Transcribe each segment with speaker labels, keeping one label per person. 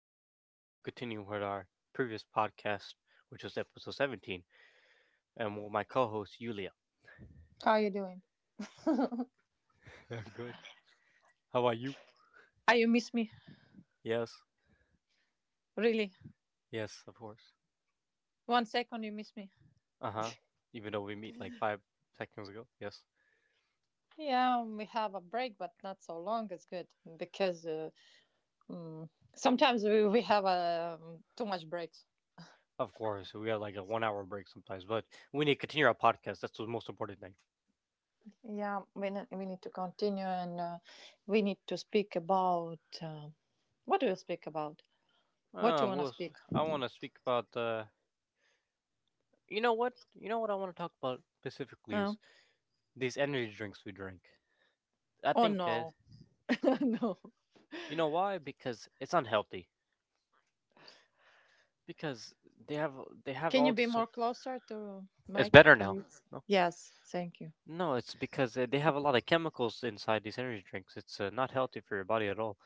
Speaker 1: 18. Continuing with our previous podcast, which was episode 17, and with my co host, Yulia.
Speaker 2: How are you doing?
Speaker 1: Good. How are you?
Speaker 2: Ah, you miss me,
Speaker 1: Yes.
Speaker 2: really.
Speaker 1: Yes, of course.
Speaker 2: One second, you miss me.
Speaker 1: Uh huh. Even though we meet like 5 seconds ago. Yes.
Speaker 2: Yeah, we have a break, but not so long. It's good because mm, sometimes we have too much breaks.
Speaker 1: Of course, we have like a 1 hour break sometimes, but we need to continue our podcast. That's the most important thing.
Speaker 2: Yeah, we need to continue and we need to speak about what do you speak about? What you want to
Speaker 1: Well,
Speaker 2: speak?
Speaker 1: I want to speak about, you know what? You know what I want to talk about specifically is
Speaker 2: No.
Speaker 1: these energy drinks we drink. I
Speaker 2: Oh
Speaker 1: think
Speaker 2: no, no.
Speaker 1: you know why? Because it's unhealthy. Because they have they have
Speaker 2: Can
Speaker 1: all
Speaker 2: you
Speaker 1: these
Speaker 2: be
Speaker 1: sort.
Speaker 2: more closer to
Speaker 1: It's
Speaker 2: Mike,
Speaker 1: better now.
Speaker 2: please?
Speaker 1: No,
Speaker 2: Yes, thank you.
Speaker 1: no, it's because they have a lot of chemicals inside these energy drinks. It's not healthy for your body at all.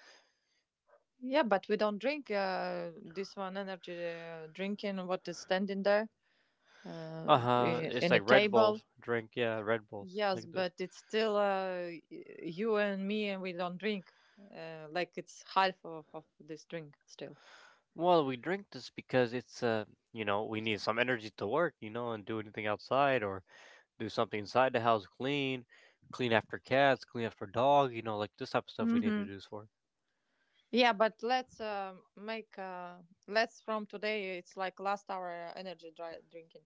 Speaker 2: Yeah, but we don't drink this one energy drinking what is standing there uh,
Speaker 1: Uh huh. It's
Speaker 2: in a
Speaker 1: like Red Bull
Speaker 2: table.
Speaker 1: drink. Yeah, Red Bull
Speaker 2: Yes,
Speaker 1: like this.
Speaker 2: but it's still you and me, and we don't drink. Like it's half of this drink still.
Speaker 1: Well, we drink this because it's you know we need some energy to work. You know, and do anything outside or do something inside the house, clean, clean after cats, clean after dog. You know, like this type of stuff we need
Speaker 2: Hmm.
Speaker 1: to do this for.
Speaker 2: Yeah, but let's from today. It's like last hour energy dry drinking.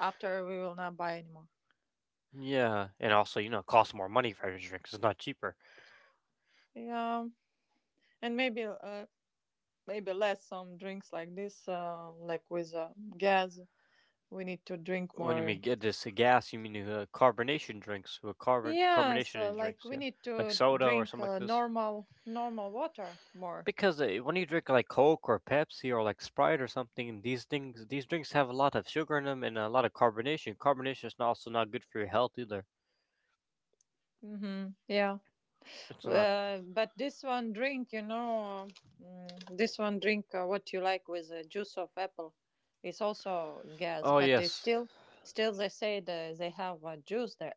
Speaker 2: After we will not buy anymore.
Speaker 1: Yeah, and also, you know, it costs more money for energy drinks. It's not cheaper.
Speaker 2: Yeah, and maybe maybe less some drinks like this, like with gas we need to drink
Speaker 1: When you
Speaker 2: more.
Speaker 1: mean get this gas, you mean carbonation drinks with carbon
Speaker 2: Yes,
Speaker 1: carbonation in
Speaker 2: like
Speaker 1: drinks,
Speaker 2: we
Speaker 1: yeah,
Speaker 2: need
Speaker 1: like
Speaker 2: to
Speaker 1: soda or
Speaker 2: drink
Speaker 1: something like this.
Speaker 2: normal water more.
Speaker 1: Because when you drink like Coke or Pepsi or like Sprite or something, these things, these drinks have a lot of sugar in them and a lot of carbonation. Carbonation is not, also not good for your health either.
Speaker 2: Hmm, yeah.
Speaker 1: It's not.
Speaker 2: But this one drink. This one drink what you like, with juice of apple. It's also gas,
Speaker 1: Oh
Speaker 2: but they
Speaker 1: yes,
Speaker 2: still they say, they have juice there.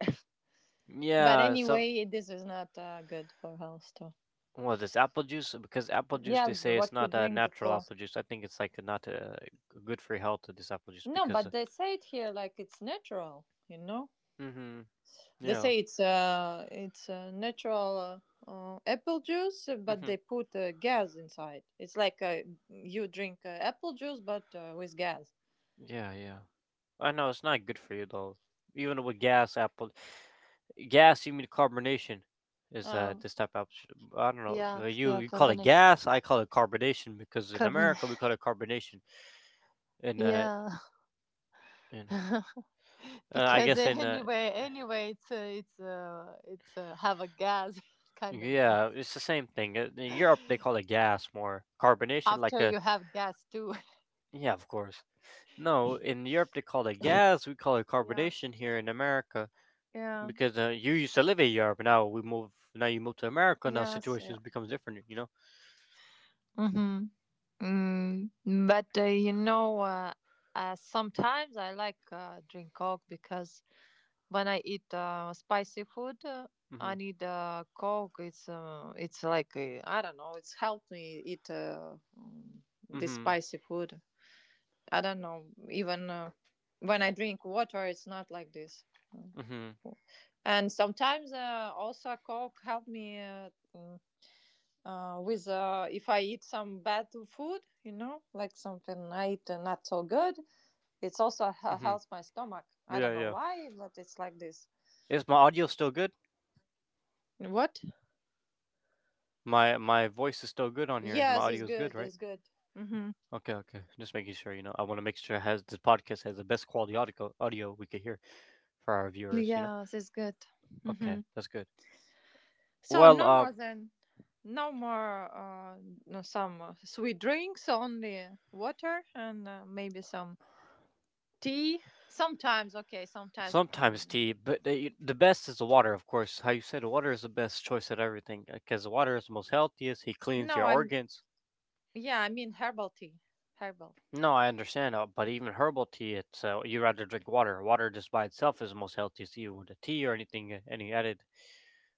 Speaker 2: But
Speaker 1: yeah. Some
Speaker 2: anyway, this is not good for health too.
Speaker 1: what is apple juice? Because apple juice,
Speaker 2: Yeah,
Speaker 1: they
Speaker 2: but
Speaker 1: say it's
Speaker 2: what you
Speaker 1: not a
Speaker 2: drink
Speaker 1: natural
Speaker 2: before?
Speaker 1: apple juice. I think it's like not good for your health. This apple juice
Speaker 2: No,
Speaker 1: because.
Speaker 2: but they say it here like it's natural.
Speaker 1: Mm-hmm.
Speaker 2: They
Speaker 1: Yeah.
Speaker 2: say it's natural, apple juice, but
Speaker 1: Mm-hmm.
Speaker 2: they put gas inside. It's like you drink apple juice, but with gas.
Speaker 1: Yeah. Yeah. I know it's not good for you though. Even with gas, apple gas, you mean carbonation is
Speaker 2: Um,
Speaker 1: this type of option. I don't know.
Speaker 2: yeah,
Speaker 1: But You
Speaker 2: yeah,
Speaker 1: you call it
Speaker 2: carbonation.
Speaker 1: gas, I call it carbonation because in America we
Speaker 2: Carbonation.
Speaker 1: call it carbonation. In uh
Speaker 2: Yeah,
Speaker 1: in I
Speaker 2: because
Speaker 1: guess in
Speaker 2: anyway, it's have a gas, kind of gas.
Speaker 1: yeah, it's the same thing. In Europe they call it gas more. Carbonation like
Speaker 2: After
Speaker 1: a
Speaker 2: you have gas too.
Speaker 1: yeah, of course. No, in Europe they call it gas, we call it
Speaker 2: Yeah.
Speaker 1: carbonation here in America
Speaker 2: Yeah.
Speaker 1: because you used to live in Europe, now you move to America, now
Speaker 2: Yes. Yeah.
Speaker 1: situations becomes different, you know?
Speaker 2: Mm-hmm. But sometimes I like drink Coke because when I eat spicy food, I
Speaker 1: Mhm.
Speaker 2: need Coke. It's like, I don't know. It's helped me eat this
Speaker 1: Mhm.
Speaker 2: spicy food. I don't know. Even when I drink water, it's not like this.
Speaker 1: Mhm.
Speaker 2: And sometimes also Coke helped me. With if I eat some bad food, like something I eat not so good, it's
Speaker 1: Mhm.
Speaker 2: also helps my
Speaker 1: Yeah,
Speaker 2: stomach.
Speaker 1: yeah.
Speaker 2: I don't know why, but it's like this.
Speaker 1: Is my audio still good?
Speaker 2: What?
Speaker 1: My voice is still good on here. My
Speaker 2: Yes, it's
Speaker 1: audio is good,
Speaker 2: good.
Speaker 1: right?
Speaker 2: It's good. Mm-hmm.
Speaker 1: Okay, okay. Just making sure, you know. I want to make sure it has this podcast has the best quality audio we could hear for our viewers, you know.
Speaker 2: Yes, it's good.
Speaker 1: Okay,
Speaker 2: Mm-hmm.
Speaker 1: that's good.
Speaker 2: So
Speaker 1: Well,
Speaker 2: no more no, some sweet drinks, only water and maybe some tea. Sometimes, okay, sometimes we
Speaker 1: sometimes
Speaker 2: can.
Speaker 1: tea, but the best is the water, of course. How you said water is the best choice at everything because water is the most healthiest. He cleans
Speaker 2: No,
Speaker 1: your
Speaker 2: I'm
Speaker 1: organs.
Speaker 2: yeah, I mean herbal tea, herbal.
Speaker 1: No, I understand, but even herbal tea, it's you rather drink water. Water just by itself is the most healthy to you. The tea or anything, any added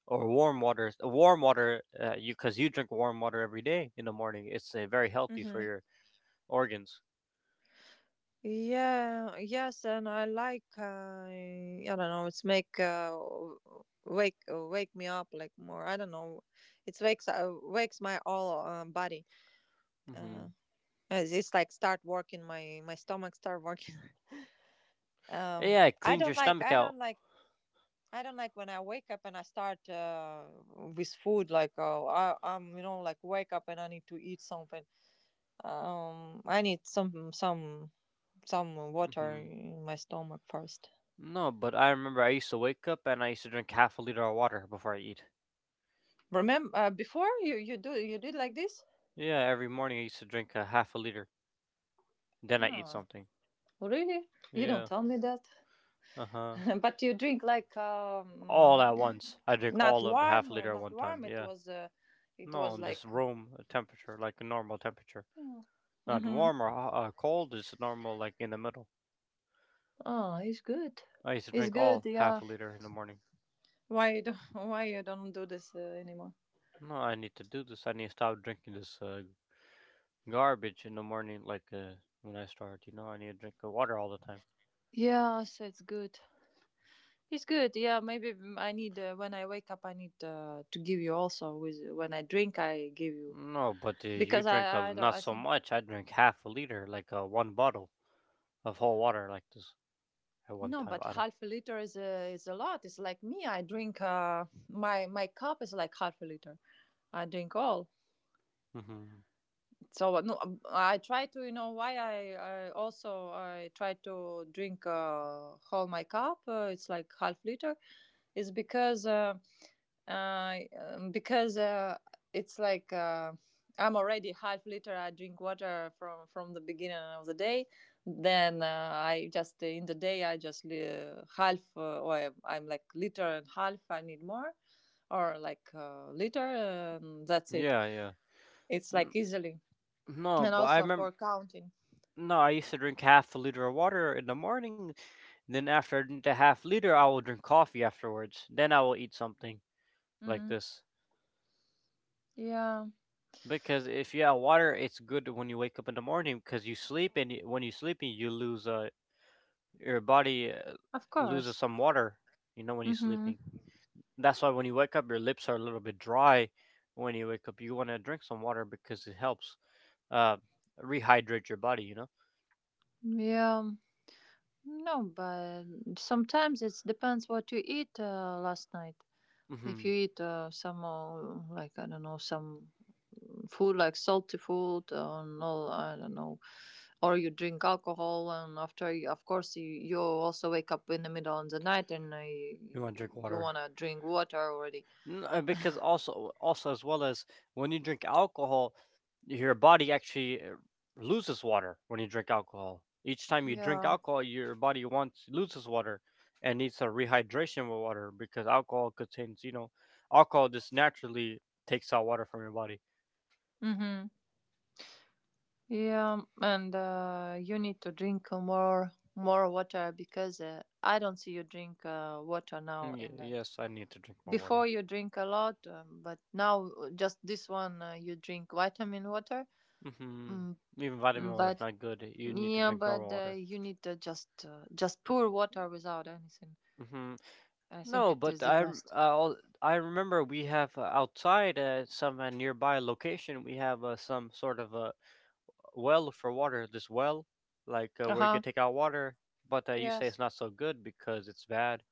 Speaker 1: or warm water, you because you drink warm water every day in the morning. It's very healthy for
Speaker 2: Mhm.
Speaker 1: your organs.
Speaker 2: Yeah, yes, and I like I don't know, it's make wake me up like more. I don't know, it's wakes my all body. Uh,
Speaker 1: hmm
Speaker 2: it's like start working my stomach start working. Um,
Speaker 1: Yeah, it
Speaker 2: I
Speaker 1: cleans your
Speaker 2: don't like
Speaker 1: stomach
Speaker 2: I
Speaker 1: out.
Speaker 2: don't like I don't like when I wake up and I start with food, like I'm, like, wake up and I need to eat something. I need some water
Speaker 1: hmm
Speaker 2: in my stomach first.
Speaker 1: No, but I remember I used to wake up and I used to drink half a liter of water before I eat.
Speaker 2: Remember before you did like this?
Speaker 1: Yeah, every morning I used to drink a half a liter, then I eat
Speaker 2: Oh,
Speaker 1: something.
Speaker 2: really? You don't
Speaker 1: Yeah.
Speaker 2: tell me that.
Speaker 1: Uh huh.
Speaker 2: But you drink like
Speaker 1: All at once. I drink
Speaker 2: not
Speaker 1: all of half
Speaker 2: warm,
Speaker 1: liter at
Speaker 2: not
Speaker 1: one time.
Speaker 2: warm. It
Speaker 1: Yeah.
Speaker 2: was uh, it
Speaker 1: No,
Speaker 2: was like.
Speaker 1: just room temperature, like a normal temperature. Not
Speaker 2: Mm-hmm.
Speaker 1: warm or cold, just normal, like in the middle.
Speaker 2: Oh, it's good.
Speaker 1: I used to
Speaker 2: It's
Speaker 1: drink
Speaker 2: good.
Speaker 1: all
Speaker 2: Yeah.
Speaker 1: half a liter in the morning.
Speaker 2: Why you don't, why you don't do this anymore?
Speaker 1: No, I need to do this. I need to stop drinking this garbage in the morning, like when I start, you know, I need to drink water all the time.
Speaker 2: Yes, it's good. It's good. Yeah, maybe I need when I wake up. I need to give you also with when I drink. I give you
Speaker 1: No, but you
Speaker 2: because
Speaker 1: drink
Speaker 2: I don't.
Speaker 1: not
Speaker 2: I
Speaker 1: so
Speaker 2: think.
Speaker 1: much. I drink half a liter, like one bottle of whole water, like this at one
Speaker 2: No,
Speaker 1: time.
Speaker 2: but
Speaker 1: I
Speaker 2: half a liter is a lot. It's like me. I drink my cup is like half a liter. I drink all.
Speaker 1: don't.
Speaker 2: So no, I try to, you know why I also I try to drink whole my cup, it's like half liter, is because it's like I'm already half liter. I drink water from the beginning of the day, then I just in the day I just half, or I'm like liter and half, I need more, or like liter, that's it.
Speaker 1: Yeah, yeah.
Speaker 2: It's
Speaker 1: N-
Speaker 2: like easily,
Speaker 1: No,
Speaker 2: and
Speaker 1: but I
Speaker 2: also
Speaker 1: remember.
Speaker 2: for counting.
Speaker 1: No, I used to drink half a liter of water in the morning. Then after I drink the half liter, I will drink coffee afterwards. Then I will eat something like
Speaker 2: Mm-hmm.
Speaker 1: this.
Speaker 2: Yeah,
Speaker 1: Because if you have water, it's good when you wake up in the morning because you sleep and when you're sleeping, you lose your body
Speaker 2: of
Speaker 1: loses
Speaker 2: course.
Speaker 1: some water. You know when you're
Speaker 2: Mm-hmm.
Speaker 1: sleeping. That's why when you wake up, your lips are a little bit dry. When you wake up, you want to drink some water because it helps uh, rehydrate your body. You know.
Speaker 2: Yeah. No, but sometimes it depends what you eat last night. If you
Speaker 1: hmm
Speaker 2: eat some, like, I don't know, some food, like salty food, or no, I don't know, or you drink alcohol, and after, you, of course, you also wake up in the middle of the night, and
Speaker 1: You want to drink
Speaker 2: you
Speaker 1: water.
Speaker 2: want to drink water already.
Speaker 1: Because also also as well as when you drink alcohol your body actually loses water when you drink alcohol each time you drink
Speaker 2: Yeah.
Speaker 1: alcohol your body wants loses water and needs a rehydration with water because alcohol contains you know alcohol just naturally takes out water from your body.
Speaker 2: Mm-hmm. Yeah, and you need to drink more water because I don't see you drink water now.
Speaker 1: Mm,
Speaker 2: In the
Speaker 1: yes, I need to drink more water.
Speaker 2: before you drink a lot, but now just this one you drink vitamin water.
Speaker 1: hmm
Speaker 2: Mm,
Speaker 1: Even vitamin water is
Speaker 2: but
Speaker 1: not good, you need to
Speaker 2: yeah,
Speaker 1: drink normal
Speaker 2: but
Speaker 1: water.
Speaker 2: you need to just pour water without anything.
Speaker 1: hmm
Speaker 2: I think
Speaker 1: No,
Speaker 2: it
Speaker 1: but
Speaker 2: is the
Speaker 1: I
Speaker 2: best.
Speaker 1: I remember we have outside some nearby location. We have some sort of a well for water. This well, like
Speaker 2: Uh
Speaker 1: where you
Speaker 2: huh.
Speaker 1: could take out water, but you say it's
Speaker 2: Yes.
Speaker 1: not so good because it's bad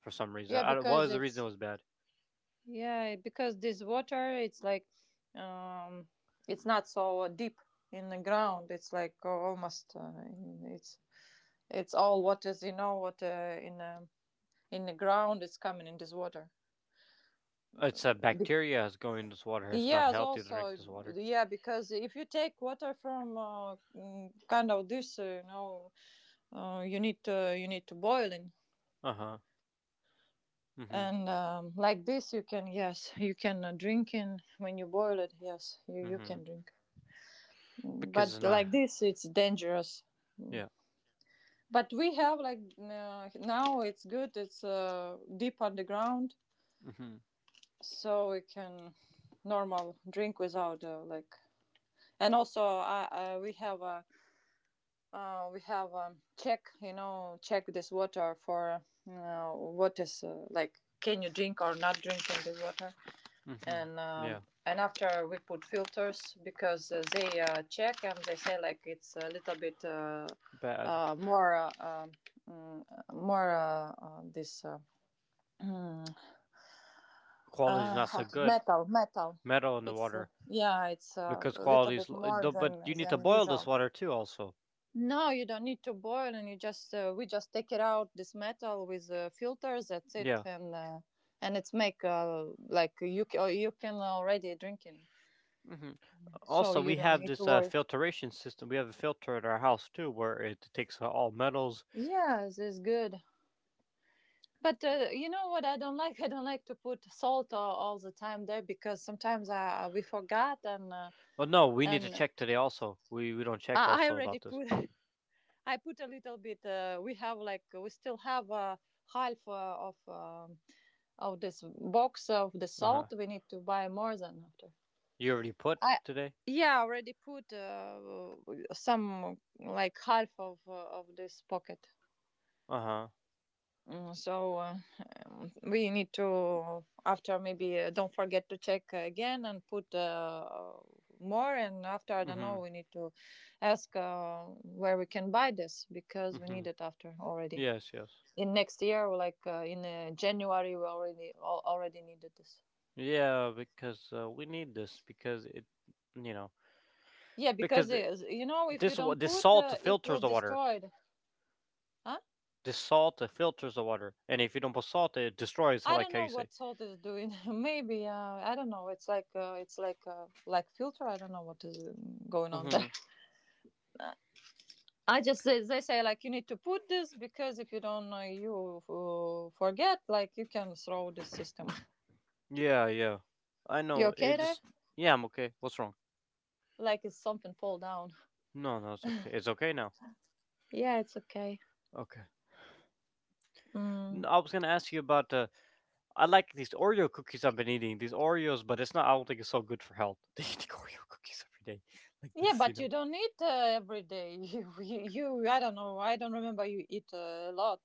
Speaker 1: for some reason.
Speaker 2: Yeah,
Speaker 1: I don't, what
Speaker 2: because
Speaker 1: was the reason it
Speaker 2: it's,
Speaker 1: was bad?
Speaker 2: yeah, because this water, it's like, um, it's not so deep in the ground. It's like almost, it's it's all what is, you know what, in the ground is coming in this water.
Speaker 1: It's
Speaker 2: Be-
Speaker 1: bacteria is going in this water. It's not
Speaker 2: yes,
Speaker 1: healthy to drink
Speaker 2: also
Speaker 1: this water.
Speaker 2: yeah, because if you take water from kind of this, you know, you need to boil it.
Speaker 1: Uh huh. Mhm.
Speaker 2: And like this, you can, yes, you can drink in when you boil it. Yes, you
Speaker 1: Mhm.
Speaker 2: can drink.
Speaker 1: Because it's
Speaker 2: But
Speaker 1: not.
Speaker 2: like this, it's dangerous.
Speaker 1: Yeah.
Speaker 2: But we have like, now it's good, it's deep underground,
Speaker 1: Mhm.
Speaker 2: so we can normal drink without like, and also I, we have a, we have a check, you know, check this water for what is like, can you drink or not drink in the water.
Speaker 1: Mhm.
Speaker 2: And
Speaker 1: Yeah.
Speaker 2: and after we put filters because they check, and they say like it's a little bit
Speaker 1: Bad
Speaker 2: more, mm, more this
Speaker 1: quality's not
Speaker 2: uh,
Speaker 1: so good.
Speaker 2: metal,
Speaker 1: Metal in the
Speaker 2: it's
Speaker 1: water.
Speaker 2: yeah, it's
Speaker 1: Because
Speaker 2: a little
Speaker 1: quality is.
Speaker 2: bit
Speaker 1: Lo-
Speaker 2: more
Speaker 1: the- But
Speaker 2: than
Speaker 1: you need to boil this
Speaker 2: usual.
Speaker 1: water too, also.
Speaker 2: No, you don't need to boil, and you just we just take it out, this metal, with filters, that's it,
Speaker 1: Yeah.
Speaker 2: and it's make like, you you can already drink it,
Speaker 1: hmm
Speaker 2: so
Speaker 1: Also,
Speaker 2: you
Speaker 1: we
Speaker 2: don't
Speaker 1: have
Speaker 2: need to
Speaker 1: this
Speaker 2: worry.
Speaker 1: filtration system. We have a filter at our house too, where it takes all metals.
Speaker 2: Yes, it's good. But you know what I don't like? I don't like to put salt all the time there, because sometimes we forgot, and
Speaker 1: Well, no, we need to
Speaker 2: and
Speaker 1: check today also. We don't check
Speaker 2: I
Speaker 1: also
Speaker 2: already
Speaker 1: about this.
Speaker 2: put, I put a little bit. We have like we still have half of this box of the
Speaker 1: Uh huh.
Speaker 2: salt. We need to buy more than after.
Speaker 1: You already put
Speaker 2: I,
Speaker 1: today.
Speaker 2: yeah, I already put some, like half of this pocket.
Speaker 1: Uh huh.
Speaker 2: So we need to after, maybe don't forget to check again, and put more, and after, I don't know,
Speaker 1: Mhm.
Speaker 2: we need to ask where we can buy this, because we need
Speaker 1: Mhm.
Speaker 2: it after, already
Speaker 1: Yes. Yes.
Speaker 2: in next year, like in January, we already needed this.
Speaker 1: Yeah, because we need this because it, you know,
Speaker 2: Yeah, because
Speaker 1: because
Speaker 2: it
Speaker 1: it-
Speaker 2: is, you know, if you
Speaker 1: this wa-
Speaker 2: don't
Speaker 1: this
Speaker 2: put
Speaker 1: salt
Speaker 2: it will
Speaker 1: filters the water.
Speaker 2: destroy it. Huh.
Speaker 1: This salt filters the water, and if you don't put salt, it destroys.
Speaker 2: I
Speaker 1: Like
Speaker 2: don't
Speaker 1: how
Speaker 2: know
Speaker 1: you say.
Speaker 2: what salt is doing, maybe, I don't know, it's like filter, I don't know what is going on there.
Speaker 1: Mhm.
Speaker 2: I just say, they say like you need to put this because if you don't you forget, like, you can throw the system.
Speaker 1: Yeah, yeah. I
Speaker 2: You
Speaker 1: know.
Speaker 2: okay
Speaker 1: It
Speaker 2: there?
Speaker 1: just yeah, I'm okay. What's wrong?
Speaker 2: Like it's something fall down.
Speaker 1: No, no, it's okay. It's okay now.
Speaker 2: Yeah, it's okay.
Speaker 1: Okay.
Speaker 2: Mm.
Speaker 1: I was gonna ask you about I like these Oreo cookies I've been eating. These Oreos, but it's not. I don't think it's so good for health. They eat Oreo cookies every day, like
Speaker 2: Yeah,
Speaker 1: this, you
Speaker 2: but
Speaker 1: know.
Speaker 2: you don't eat every day. You, I don't know. I don't remember you eat a lot,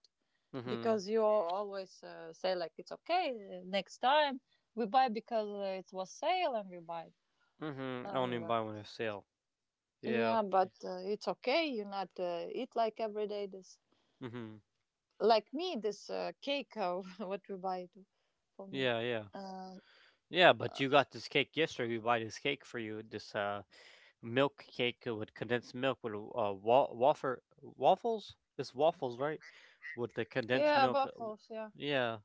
Speaker 1: Mhm.
Speaker 2: because you always say like it's okay, next time we buy because it was sale and we buy.
Speaker 1: Mhm. I don't even
Speaker 2: Um,
Speaker 1: buy one at sale. Yeah.
Speaker 2: yeah, but it's okay. You not eat like every day this.
Speaker 1: Mhm.
Speaker 2: Like me, this cake, what we buy to, for me,
Speaker 1: Yeah, yeah,
Speaker 2: uh,
Speaker 1: yeah. But you got this cake yesterday. We buy this cake for you. This milk cake with condensed milk with waffles. It's waffles, right? With the condensed
Speaker 2: yeah,
Speaker 1: milk.
Speaker 2: buffaloes, yeah.
Speaker 1: Yeah.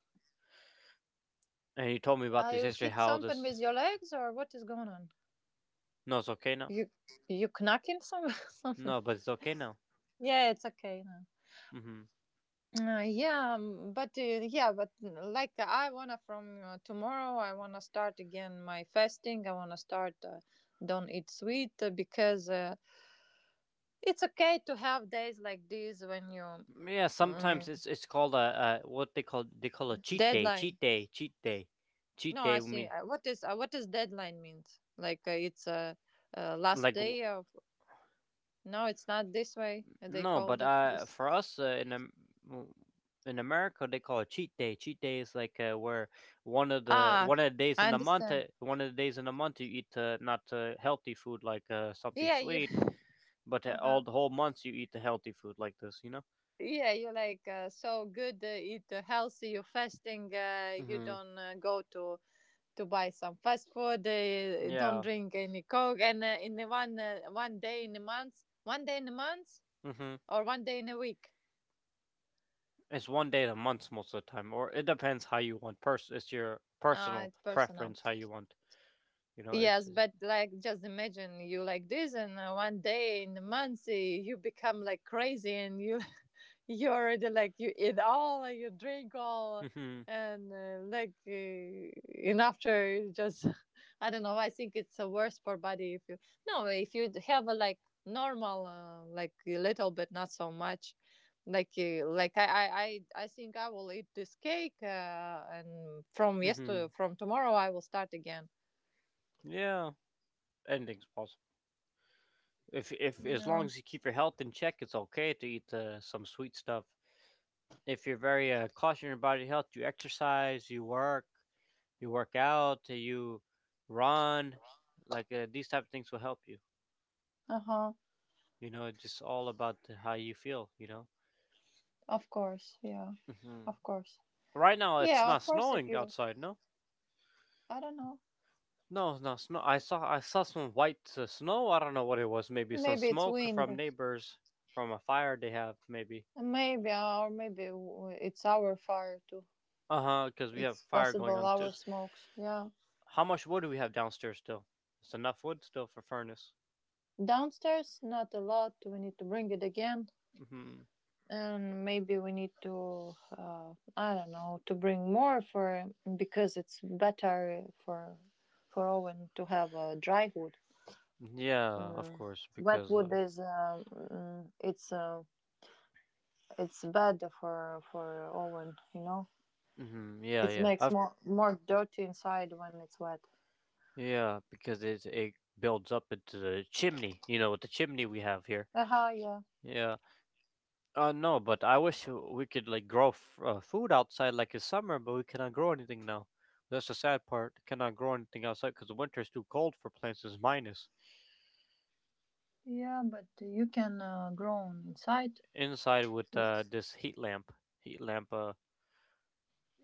Speaker 1: And you told me about
Speaker 2: Are
Speaker 1: this
Speaker 2: you
Speaker 1: yesterday.
Speaker 2: hit
Speaker 1: How
Speaker 2: something
Speaker 1: this?
Speaker 2: with your legs or what is going on?
Speaker 1: No, it's okay now.
Speaker 2: you you knocking some something.
Speaker 1: No, but it's okay now.
Speaker 2: Yeah, it's okay now.
Speaker 1: hmm
Speaker 2: Yeah, but yeah, but like, I wanna from tomorrow, I wanna start again my fasting. I wanna start don't eat sweet, because it's okay to have days like this when you...
Speaker 1: Yeah. Sometimes
Speaker 2: mm,
Speaker 1: it's called a what they call a cheat day.
Speaker 2: deadline.
Speaker 1: Cheat day. Cheat day. Cheat
Speaker 2: No,
Speaker 1: day.
Speaker 2: I
Speaker 1: I
Speaker 2: see.
Speaker 1: mean,
Speaker 2: What is what does deadline means? Like it's last
Speaker 1: like
Speaker 2: day of. No, it's not this way. They
Speaker 1: no,
Speaker 2: call
Speaker 1: but
Speaker 2: like this.
Speaker 1: for us w- in America, they call it cheat day. Cheat day is like where
Speaker 2: Ah,
Speaker 1: one of the days
Speaker 2: I
Speaker 1: in the month,
Speaker 2: understand.
Speaker 1: one of the days in the month you eat not healthy food like something
Speaker 2: Yeah, you.
Speaker 1: sweet, but
Speaker 2: Uh huh.
Speaker 1: all the whole months you eat the healthy food like this, you know.
Speaker 2: Yeah, you're like so good. Eat healthy. You're fasting. You
Speaker 1: hmm
Speaker 2: don't go to buy some fast food. Don't
Speaker 1: Yeah.
Speaker 2: drink any coke. And in the one day in a month, one day in a month,
Speaker 1: hmm
Speaker 2: or one day in a week.
Speaker 1: It's one day in a month most of the time, or it depends how you want. It's your personal
Speaker 2: It's personal.
Speaker 1: preference how you want. You know, it's.
Speaker 2: Yes,
Speaker 1: It's
Speaker 2: but like just imagine you like this, and one day in the month you become like crazy, and you you already like you eat all, you drink all,
Speaker 1: hmm
Speaker 2: and like and after you just I don't know. I think it's worse for body if you no if you have a like normal like a little bit not so much like I think I will eat this cake and from
Speaker 1: hmm
Speaker 2: yesterday from tomorrow I will start again.
Speaker 1: yeah, anything's possible. If as long
Speaker 2: Yeah.
Speaker 1: as you keep your health in check, it's okay to eat some sweet stuff. If you're very cautious about your health, you exercise, you work out, you run, like these type of things will help you.
Speaker 2: Uh huh.
Speaker 1: You know, it's just all about how you feel. You know.
Speaker 2: Of course. Yeah.
Speaker 1: hmm
Speaker 2: Of course.
Speaker 1: Right now, it's
Speaker 2: Yeah.
Speaker 1: not
Speaker 2: Of course. If
Speaker 1: snowing
Speaker 2: you,
Speaker 1: outside. No,
Speaker 2: I don't know.
Speaker 1: no, it's not snow. I saw some white snow. I don't know what it was. Maybe some
Speaker 2: Maybe it's
Speaker 1: smoke from
Speaker 2: wind.
Speaker 1: neighbors from a fire they have. Maybe.
Speaker 2: Maybe or it's our fire too.
Speaker 1: Uh huh. Because we have
Speaker 2: It's
Speaker 1: fire going
Speaker 2: possible
Speaker 1: on too.
Speaker 2: our smokes. Yeah.
Speaker 1: How much wood do we have downstairs still? It's enough wood still for furnace.
Speaker 2: Downstairs, not a lot. We need to bring it again,
Speaker 1: hmm
Speaker 2: and maybe we need to. I don't know to bring more for because it's better for Owen to have a dry wood.
Speaker 1: Yeah, of
Speaker 2: Mm.
Speaker 1: course,
Speaker 2: Wet
Speaker 1: because I.
Speaker 2: wood is it's it's bad for oven, you know.
Speaker 1: Yeah,
Speaker 2: It makes more dirty inside when it's wet.
Speaker 1: yeah, because it builds up into the chimney. You know, with the chimney we have here.
Speaker 2: Aha, yeah.
Speaker 1: Yeah. No, but I wish we could like grow food outside like in summer, but we cannot grow anything now. That's the sad part. Cannot grow anything outside because the winter is too cold for plants. It's minus
Speaker 2: Yeah, but you can grow on inside.
Speaker 1: inside with this heat lamp. Heat lamp.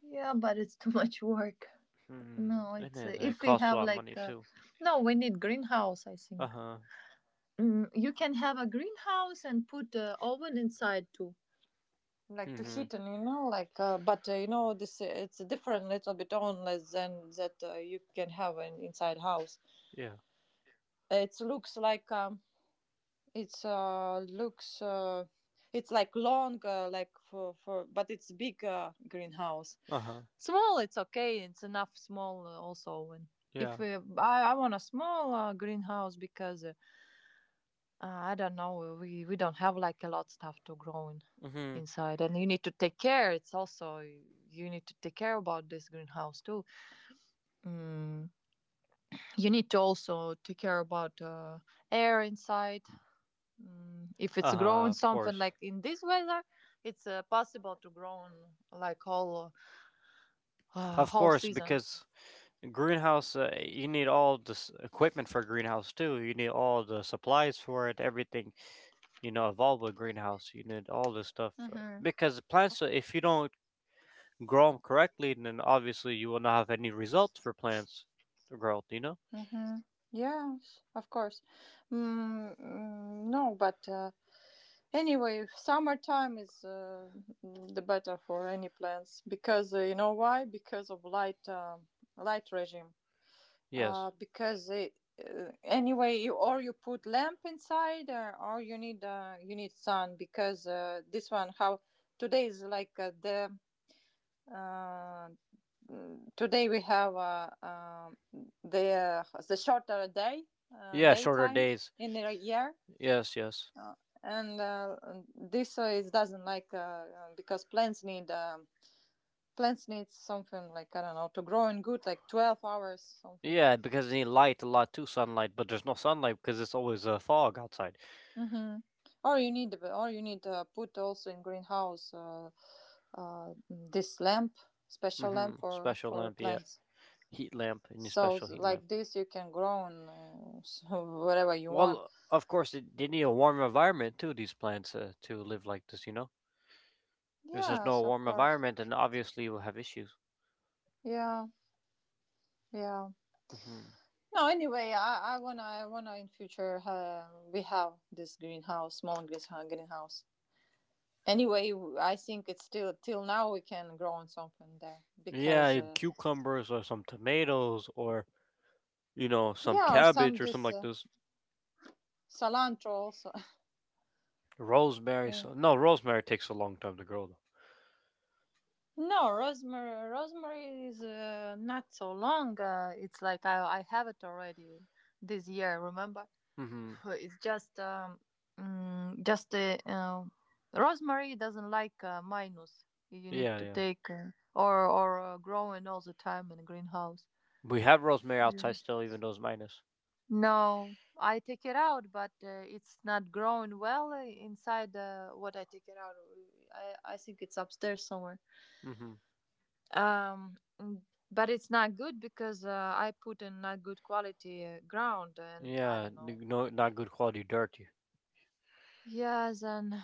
Speaker 2: Yeah, but it's too much work.
Speaker 1: hmm,
Speaker 2: No,
Speaker 1: and
Speaker 2: it's
Speaker 1: it
Speaker 2: if we
Speaker 1: costs a
Speaker 2: have
Speaker 1: lot of
Speaker 2: like
Speaker 1: money too.
Speaker 2: no, we need greenhouse. I think
Speaker 1: Uh-huh.
Speaker 2: mm, you can have a greenhouse and put oven inside too. Like to
Speaker 1: Mm-hmm.
Speaker 2: heat and you know, like but you know this it's a different little bit only than that you can have in inside house.
Speaker 1: Yeah.
Speaker 2: It looks like it's looks it's like long like for but it's big greenhouse.
Speaker 1: Uh-huh.
Speaker 2: Small it's okay. It's enough small also and
Speaker 1: Yeah.
Speaker 2: if we, I want a small greenhouse because I don't know we don't have like a lot stuff to grow in
Speaker 1: Mm-hmm.
Speaker 2: inside and you need to take care it's also you need to take care about this greenhouse too mm. You need to also take care about air inside. Mm, if it's
Speaker 1: Uh-huh.
Speaker 2: grown
Speaker 1: Of
Speaker 2: something
Speaker 1: course.
Speaker 2: like in this weather, it's possible to grow on, like
Speaker 1: Of
Speaker 2: whole
Speaker 1: course,
Speaker 2: season.
Speaker 1: because greenhouse, you need all this equipment for greenhouse too. You need all the supplies for it, everything, you know, involved with greenhouse. You need all this stuff.
Speaker 2: Mm-hmm.
Speaker 1: Because plants, if you don't grow them correctly, then obviously you will not have any results for plants growth, you know?
Speaker 2: Mm-hmm. Yes, of course. No, but anyway, summertime is the better for any plants because you know why? Because of light light regime.
Speaker 1: Yes.
Speaker 2: Because it, anyway you or you put lamp inside or you need sun because this one how today is like uh, today we have the shorter day
Speaker 1: Yeah, shorter
Speaker 2: daytime
Speaker 1: days.
Speaker 2: in the year
Speaker 1: Yes, yes.
Speaker 2: uh, and this is doesn't like because plants need something like I don't know to grow in good like 12 hours something.
Speaker 1: Yeah, because they need light a lot too, sunlight, but there's no sunlight because it's always a fog outside.
Speaker 2: Mm-hmm. Or you need put also in greenhouse this lamp, special
Speaker 1: Mm-hmm.
Speaker 2: lamp for
Speaker 1: Special lamp, yeah.
Speaker 2: plants.
Speaker 1: Heat lamp, and a
Speaker 2: So
Speaker 1: special
Speaker 2: s-
Speaker 1: heat lamp.
Speaker 2: like this, you can grow in, so wherever you want.
Speaker 1: Well, of course, they need a warm environment too. These plants to live like this, you know. If there's no
Speaker 2: Yes, of
Speaker 1: warm
Speaker 2: course.
Speaker 1: environment, then obviously you'll have issues.
Speaker 2: Yeah, yeah.
Speaker 1: Hmm.
Speaker 2: No, anyway, I wanna in future we have this greenhouse, greenhouse. Anyway, I think it's still till now we can grow on something there because
Speaker 1: Yeah, cucumbers or some tomatoes, or you know, some
Speaker 2: yeah, or some
Speaker 1: cabbage or something
Speaker 2: this
Speaker 1: like this.
Speaker 2: cilantro also.
Speaker 1: Rosemary.
Speaker 2: Uh,
Speaker 1: So no, rosemary takes a long time to grow
Speaker 2: no, rosemary. Rosemary is not so long. It's like I have it already this year. Remember,
Speaker 1: though. Hmm.
Speaker 2: it's just just rosemary doesn't like minus. You need
Speaker 1: Yeah,
Speaker 2: to
Speaker 1: yeah.
Speaker 2: take or growing all the time in greenhouse.
Speaker 1: We have rosemary
Speaker 2: Yeah.
Speaker 1: outside still, even though it's minus.
Speaker 2: No, I take it out, but it's not growing well inside what I take it out. I think it's upstairs somewhere.
Speaker 1: Hmm.
Speaker 2: Um, mm, but it's not good because I put in not good quality ground, and I
Speaker 1: Yeah,
Speaker 2: don't know.
Speaker 1: n- no, not good quality dirt.
Speaker 2: Yes, and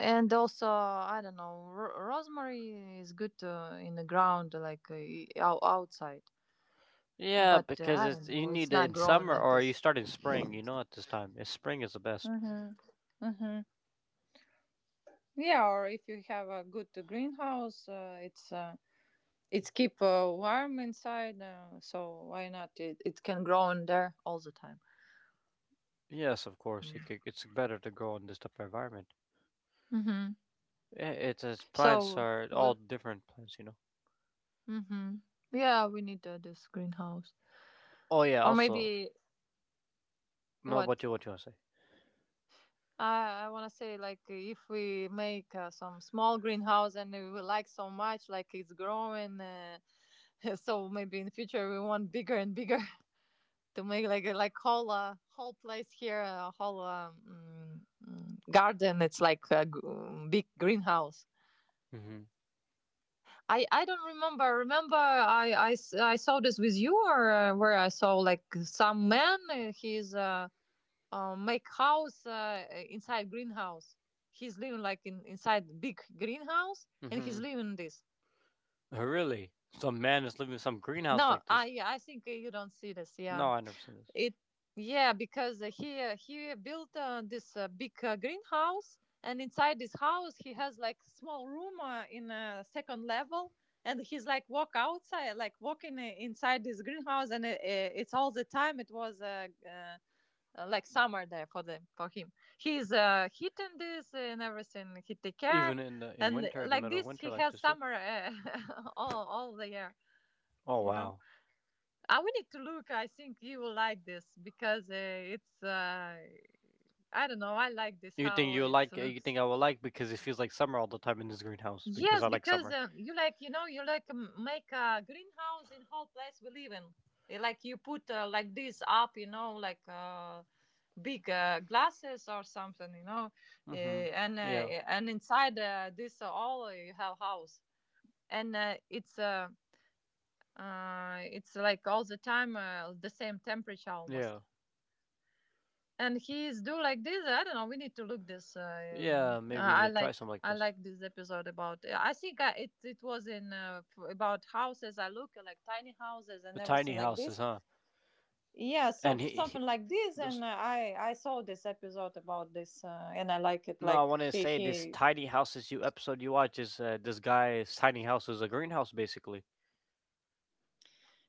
Speaker 2: also I don't know. Rosemary is good in the ground, like outside,
Speaker 1: Yeah,
Speaker 2: but
Speaker 1: because
Speaker 2: I
Speaker 1: it's
Speaker 2: don't
Speaker 1: you
Speaker 2: know. It's
Speaker 1: need it
Speaker 2: not
Speaker 1: in
Speaker 2: growing
Speaker 1: summer,
Speaker 2: like
Speaker 1: or you
Speaker 2: this.
Speaker 1: start in spring. You know, at this time, it's spring is the best.
Speaker 2: Mm-hmm. Mm-hmm. Yeah, or if you have a good greenhouse, it's keep warm inside, so why not? It can grow in there all the time.
Speaker 1: Yes, of course, it's better to grow in this type of environment.
Speaker 2: Mm.
Speaker 1: Yeah, it's plants
Speaker 2: So,
Speaker 1: are
Speaker 2: we,
Speaker 1: all different plants, you know.
Speaker 2: hmm yeah, we need this greenhouse,
Speaker 1: Oh yeah,
Speaker 2: or
Speaker 1: also,
Speaker 2: maybe
Speaker 1: no,
Speaker 2: what?
Speaker 1: what you want to say?
Speaker 2: I want to say like if we make some small greenhouse and we will like so much, like it's growing, so maybe in future we want bigger and bigger to make like like whole whole place here, a whole garden. It's like a big greenhouse.
Speaker 1: Mm-hmm.
Speaker 2: I don't remember. Remember, I saw this with you, or where I saw like some man. He's make house inside greenhouse. He's living like in inside big greenhouse, and
Speaker 1: Mm-hmm.
Speaker 2: he's living this.
Speaker 1: Really? Some man is living in some greenhouse
Speaker 2: No,
Speaker 1: like this?
Speaker 2: I think you don't see this. Yeah.
Speaker 1: No, I never seen this.
Speaker 2: It Yeah, because he built this big greenhouse, and inside this house he has like small room in a second level, and he's like walk outside, like walking inside this greenhouse, and it's all the time. It was like summer there for the for him. He's heating this and everything. He take care,
Speaker 1: Even in the in
Speaker 2: and
Speaker 1: winter, in the
Speaker 2: like
Speaker 1: middle of
Speaker 2: this
Speaker 1: winter,
Speaker 2: he
Speaker 1: like
Speaker 2: has
Speaker 1: this too.
Speaker 2: summer all the year,
Speaker 1: Oh
Speaker 2: you know.
Speaker 1: wow.
Speaker 2: I we need to look. I think you will like this because it's. I don't know. I like this
Speaker 1: You think
Speaker 2: how
Speaker 1: you
Speaker 2: it
Speaker 1: like? You
Speaker 2: looks.
Speaker 1: think I will like because it feels like summer all the time in this greenhouse because I
Speaker 2: Yes,
Speaker 1: like
Speaker 2: because
Speaker 1: summer.
Speaker 2: you like you know you like make a greenhouse in whole place we live in. Like you put like this up, you know, like big glasses or something, you know,
Speaker 1: Mm-hmm. Yeah.
Speaker 2: And inside this all you have house, and it's like all the time the same temperature
Speaker 1: Yeah.
Speaker 2: almost and he's do like this I don't know we need to look this
Speaker 1: Yeah, maybe we need
Speaker 2: I
Speaker 1: to try something like this.
Speaker 2: like this episode about I think it was in about houses I look at, like tiny houses
Speaker 1: The
Speaker 2: and
Speaker 1: tiny
Speaker 2: everything like
Speaker 1: houses,
Speaker 2: this
Speaker 1: huh?
Speaker 2: yeah so
Speaker 1: And he
Speaker 2: something like this
Speaker 1: this,
Speaker 2: and I saw this episode about this and I like it
Speaker 1: No, I
Speaker 2: like
Speaker 1: want to say this
Speaker 2: he
Speaker 1: tiny houses you episode you watch is this guy's tiny house is a greenhouse basically.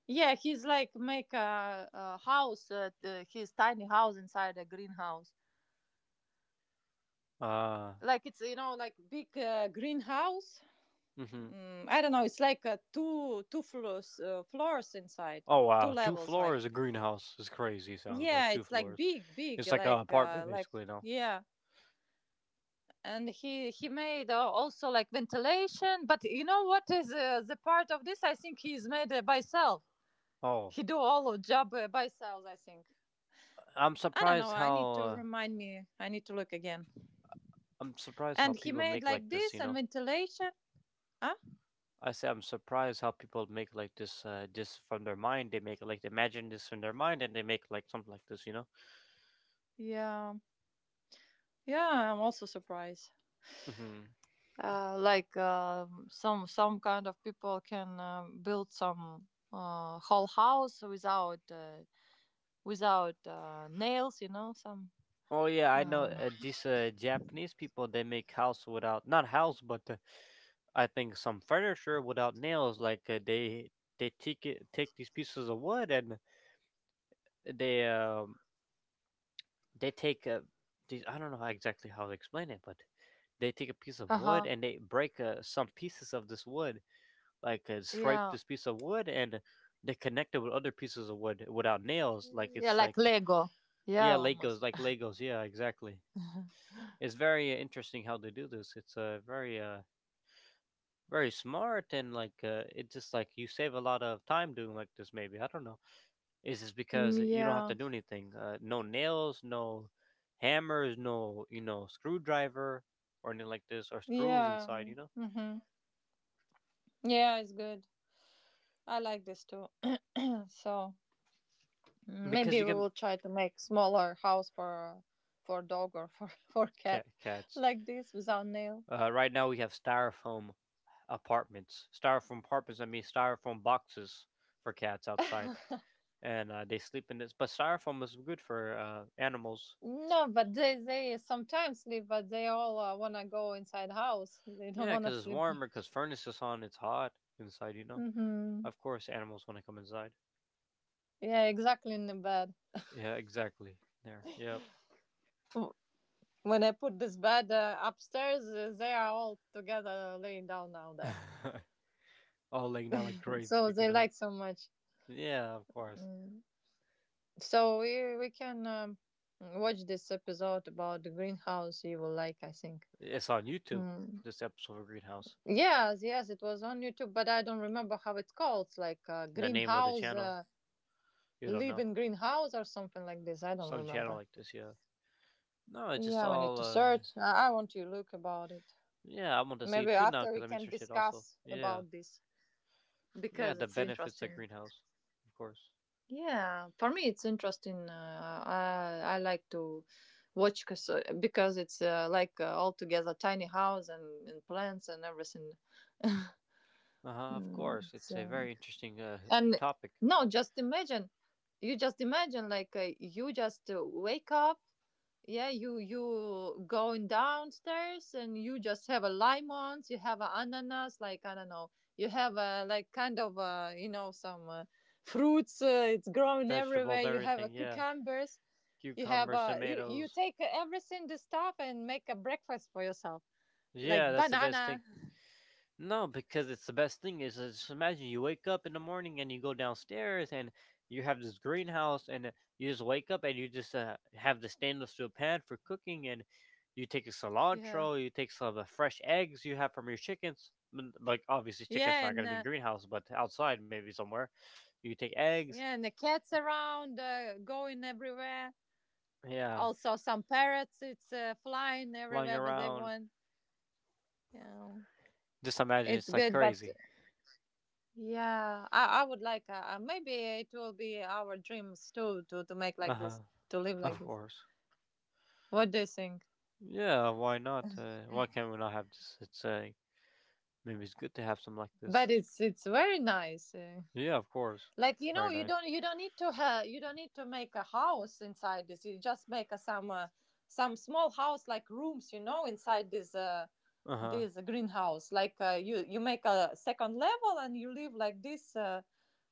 Speaker 2: yeah he's like make a house his tiny house inside a greenhouse
Speaker 1: Uh,
Speaker 2: like it's you know like big greenhouse.
Speaker 1: mm-hmm.
Speaker 2: Mm, I don't know. It's like two floors inside,
Speaker 1: Oh
Speaker 2: two
Speaker 1: wow, two
Speaker 2: levels. Like
Speaker 1: floors a greenhouse is crazy. Sounds like
Speaker 2: yeah,
Speaker 1: two
Speaker 2: it's like
Speaker 1: floors.
Speaker 2: big, big.
Speaker 1: It's like an apartment
Speaker 2: Like
Speaker 1: basically. No.
Speaker 2: yeah. And he made also like ventilation. But you know what is the part of this? I think he's made by self.
Speaker 1: Oh,
Speaker 2: He do all of job by self. I think.
Speaker 1: I'm
Speaker 2: I don't know.
Speaker 1: surprised
Speaker 2: I need to
Speaker 1: how uh,
Speaker 2: remind me. I need to look again.
Speaker 1: I'm surprised how
Speaker 2: And he
Speaker 1: people
Speaker 2: made
Speaker 1: make
Speaker 2: like
Speaker 1: like this.
Speaker 2: this
Speaker 1: You
Speaker 2: and
Speaker 1: know,
Speaker 2: ventilation. Huh?
Speaker 1: I say I'm surprised how people make like this just from their mind. They make like imagine this in their mind, and they make like something like this. You know.
Speaker 2: Yeah. Yeah. I'm also surprised.
Speaker 1: Mhm.
Speaker 2: Like some kind of people can build some whole house without without nails, you know, some.
Speaker 1: Oh yeah, I know
Speaker 2: Um,
Speaker 1: these Japanese people. They make house without not house, but I think some furniture without nails. Like they take it, take these pieces of wood and they um they take these. I don't know how exactly how to explain it, but they take a piece of
Speaker 2: uh
Speaker 1: wood
Speaker 2: huh.
Speaker 1: and they break some pieces of this wood, like scrape
Speaker 2: Yeah.
Speaker 1: this piece of wood, and they connect it with other pieces of wood without nails. Like
Speaker 2: Yeah,
Speaker 1: it's like
Speaker 2: like Lego. Yeah,
Speaker 1: yeah, Legos,
Speaker 2: almost.
Speaker 1: like Legos. Yeah, exactly. It's very interesting how they do this. It's very smart, and like it just like you save a lot of time doing like this. Maybe I don't know. Is this
Speaker 2: Mm,
Speaker 1: because you don't have
Speaker 2: yeah.
Speaker 1: to do anything? No nails, no hammers, no you know screwdriver or anything like this, or screws
Speaker 2: Yeah.
Speaker 1: inside. You know
Speaker 2: Mm-hmm. Yeah, it's good. I like this too. So mm, maybe
Speaker 1: because you
Speaker 2: we
Speaker 1: can
Speaker 2: will try to make smaller house for dog or for for cat
Speaker 1: cats.
Speaker 2: like this without nail.
Speaker 1: Right now we have styrofoam apartments. Styrofoam apartments. I mean styrofoam boxes for cats outside, and they sleep in this. But styrofoam is good for animals.
Speaker 2: No, but they sometimes sleep, but they all wanna go inside house. They don't
Speaker 1: Yeah,
Speaker 2: wanna
Speaker 1: because it's
Speaker 2: sleep there.
Speaker 1: warmer, because furnace is on, it's hot inside, you know?
Speaker 2: Hmm
Speaker 1: Of course, animals want to come inside.
Speaker 2: Yeah, exactly in the bed.
Speaker 1: Yeah, exactly. There. Yep.
Speaker 2: W- When I put this bed upstairs, they are all together laying down now there.
Speaker 1: All laying down like crates
Speaker 2: So they
Speaker 1: together.
Speaker 2: like so much.
Speaker 1: Yeah, of course.
Speaker 2: Mm. So we can watch this episode about the greenhouse. You will like, I think.
Speaker 1: It's on YouTube,
Speaker 2: Mm.
Speaker 1: this episode of Greenhouse.
Speaker 2: Yes, yes, it was on YouTube, but I don't remember how it's called. It's like
Speaker 1: The name of the
Speaker 2: greenhouse.
Speaker 1: channel, you don't
Speaker 2: Live
Speaker 1: know.
Speaker 2: in greenhouse or something like this. I don't
Speaker 1: Some channel
Speaker 2: remember.
Speaker 1: like this, yeah. No, it's just
Speaker 2: Yeah, we need
Speaker 1: all,
Speaker 2: to search. I want to look about it.
Speaker 1: yeah, I want to see
Speaker 2: Maybe
Speaker 1: it too now
Speaker 2: after
Speaker 1: because
Speaker 2: we
Speaker 1: I'm
Speaker 2: can
Speaker 1: interested also.
Speaker 2: discuss
Speaker 1: Yeah.
Speaker 2: about this
Speaker 1: Yeah,
Speaker 2: because
Speaker 1: the
Speaker 2: it's
Speaker 1: benefits of
Speaker 2: interesting.
Speaker 1: greenhouse, of course.
Speaker 2: Yeah, for me it's interesting. I like to watch cause, because it's like all together tiny house and plants and everything.
Speaker 1: Uh huh, of
Speaker 2: Mm,
Speaker 1: course. It's a
Speaker 2: so
Speaker 1: very interesting
Speaker 2: and
Speaker 1: topic.
Speaker 2: no, just imagine. You just imagine like you just wake up yeah you going downstairs and you just have a lemons you have a ananas like I don't know you have a like kind of you know some fruits it's growing
Speaker 1: Vegetables,
Speaker 2: everywhere you have a
Speaker 1: everything, yeah.
Speaker 2: cucumbers you have
Speaker 1: Cucumbers,
Speaker 2: a you
Speaker 1: tomatoes.
Speaker 2: take everything the stuff and make a breakfast for yourself like
Speaker 1: Yeah, that's the best thing.
Speaker 2: banana
Speaker 1: No, because it's the best thing is just imagine you wake up in the morning and you go downstairs, and you have this greenhouse, and you just wake up and you just have the stainless steel pan for cooking, and you take a
Speaker 2: yeah
Speaker 1: cilantro, you take some of the fresh eggs you have from your chickens. N- Like obviously chickens are
Speaker 2: yeah
Speaker 1: not
Speaker 2: and
Speaker 1: going to be in greenhouse, but outside maybe somewhere. You take eggs,
Speaker 2: yeah and the cats around going everywhere
Speaker 1: yeah,
Speaker 2: also some parrots it's flying
Speaker 1: lying
Speaker 2: everywhere but they
Speaker 1: around.
Speaker 2: want yeah.
Speaker 1: Just imagine
Speaker 2: It's
Speaker 1: it's like
Speaker 2: good, but
Speaker 1: crazy.
Speaker 2: yeah, I would like maybe it will be our dreams too to make
Speaker 1: Uh
Speaker 2: like
Speaker 1: huh.
Speaker 2: this, to live like
Speaker 1: Of
Speaker 2: this.
Speaker 1: course.
Speaker 2: What do you think?
Speaker 1: Yeah, why not? Why can't we not have this? It's Maybe it's good to have some like
Speaker 2: But
Speaker 1: this.
Speaker 2: it's very nice.
Speaker 1: Yeah, of course.
Speaker 2: Like you know,
Speaker 1: Very
Speaker 2: you
Speaker 1: nice.
Speaker 2: don't you don't need to make a house inside this. You just make some small house like rooms, you know, inside
Speaker 1: Uh huh.
Speaker 2: this greenhouse. Like you you make a second level and you live like this. Uh,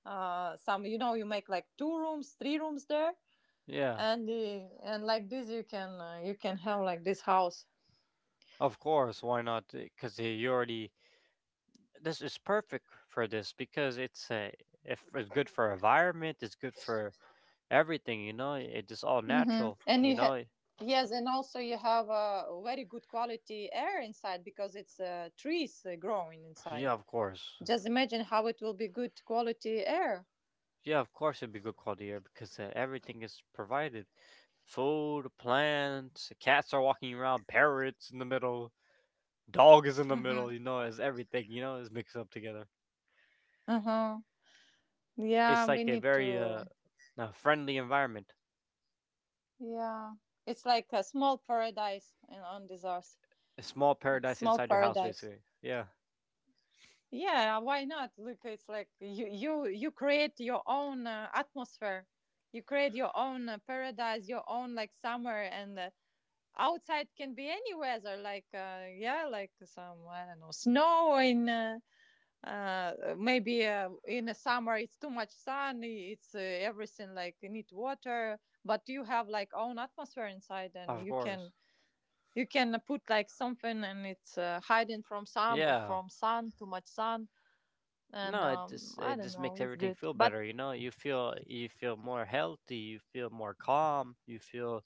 Speaker 2: uh, Some you know you make like two rooms, three rooms there
Speaker 1: Yeah,
Speaker 2: and and like this you can have like this house.
Speaker 1: of course. Why not? Because you already this is perfect for this because it's if it's good for environment, it's good for everything. You know, it is all
Speaker 2: Mm-hmm.
Speaker 1: natural.
Speaker 2: And
Speaker 1: You
Speaker 2: you have,
Speaker 1: know.
Speaker 2: yes, and also you have a very good quality air inside because it's trees growing inside.
Speaker 1: Yeah, of course.
Speaker 2: Just imagine how it will be good quality air.
Speaker 1: Yeah, of course it'd be good quality air because everything is provided. Food, plants, cats are walking around, parrots in the middle, dog is in the
Speaker 2: Mm-hmm.
Speaker 1: middle, you know, as everything, you know, is mixed up together.
Speaker 2: Uh-huh. Yeah,
Speaker 1: It's
Speaker 2: we
Speaker 1: like a
Speaker 2: need
Speaker 1: very
Speaker 2: to.
Speaker 1: friendly environment.
Speaker 2: Yeah, it's like a small paradise in, on this earth.
Speaker 1: A small
Speaker 2: A
Speaker 1: paradise
Speaker 2: small
Speaker 1: inside your house
Speaker 2: paradise.
Speaker 1: basically. Yeah,
Speaker 2: Yeah, why not? Look, it's like you create your own atmosphere. You create your own paradise, your own like summer, and outside can be any weather. Like yeah, like some I don't know snow in maybe in the summer it's too much sun. It's everything like you need water, but you have like own atmosphere inside, and
Speaker 1: of course.
Speaker 2: you can put like something, and it's hiding from some
Speaker 1: Yeah.
Speaker 2: from sun too much sun and
Speaker 1: No,
Speaker 2: I
Speaker 1: it
Speaker 2: don't
Speaker 1: just
Speaker 2: know,
Speaker 1: makes
Speaker 2: it's
Speaker 1: everything
Speaker 2: good.
Speaker 1: feel
Speaker 2: But
Speaker 1: better, you know? You feel more healthy, you feel more calm, you feel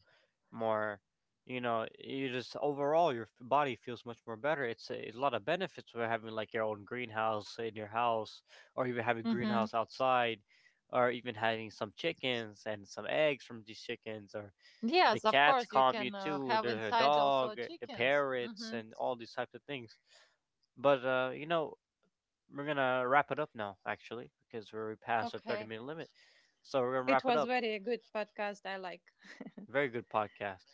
Speaker 1: more you know you just overall your body feels much more better. It's a, it's a lot of benefits for having like your own greenhouse in your house, or even having
Speaker 2: hmm
Speaker 1: greenhouse outside, or even having some chickens and some eggs from these chickens, or the
Speaker 2: yes, of
Speaker 1: cats
Speaker 2: course, you
Speaker 1: calm you
Speaker 2: can
Speaker 1: too.
Speaker 2: have
Speaker 1: There's a
Speaker 2: inside
Speaker 1: dog,
Speaker 2: also chickens.
Speaker 1: parrots,
Speaker 2: Hmm
Speaker 1: and all these types of things. But you know, we're gonna wrap it up now actually because we're already past the 30
Speaker 2: Okay,
Speaker 1: minute limit, so we're gonna wrap
Speaker 2: it
Speaker 1: it
Speaker 2: was
Speaker 1: up.
Speaker 2: very good podcast. I like.
Speaker 1: Very good podcast.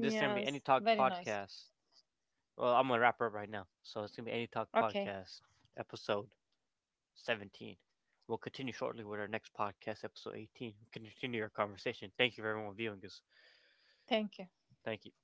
Speaker 1: This can be Any Talk
Speaker 2: very nice.
Speaker 1: Podcast. Well, I'm going to wrap up right now. So it's going to be Any Talk
Speaker 2: Okay,
Speaker 1: Podcast, episode 17. We'll continue shortly with our next podcast, episode 18. We'll continue our conversation. Thank you for everyone viewing us.
Speaker 2: thank you.
Speaker 1: Thank you.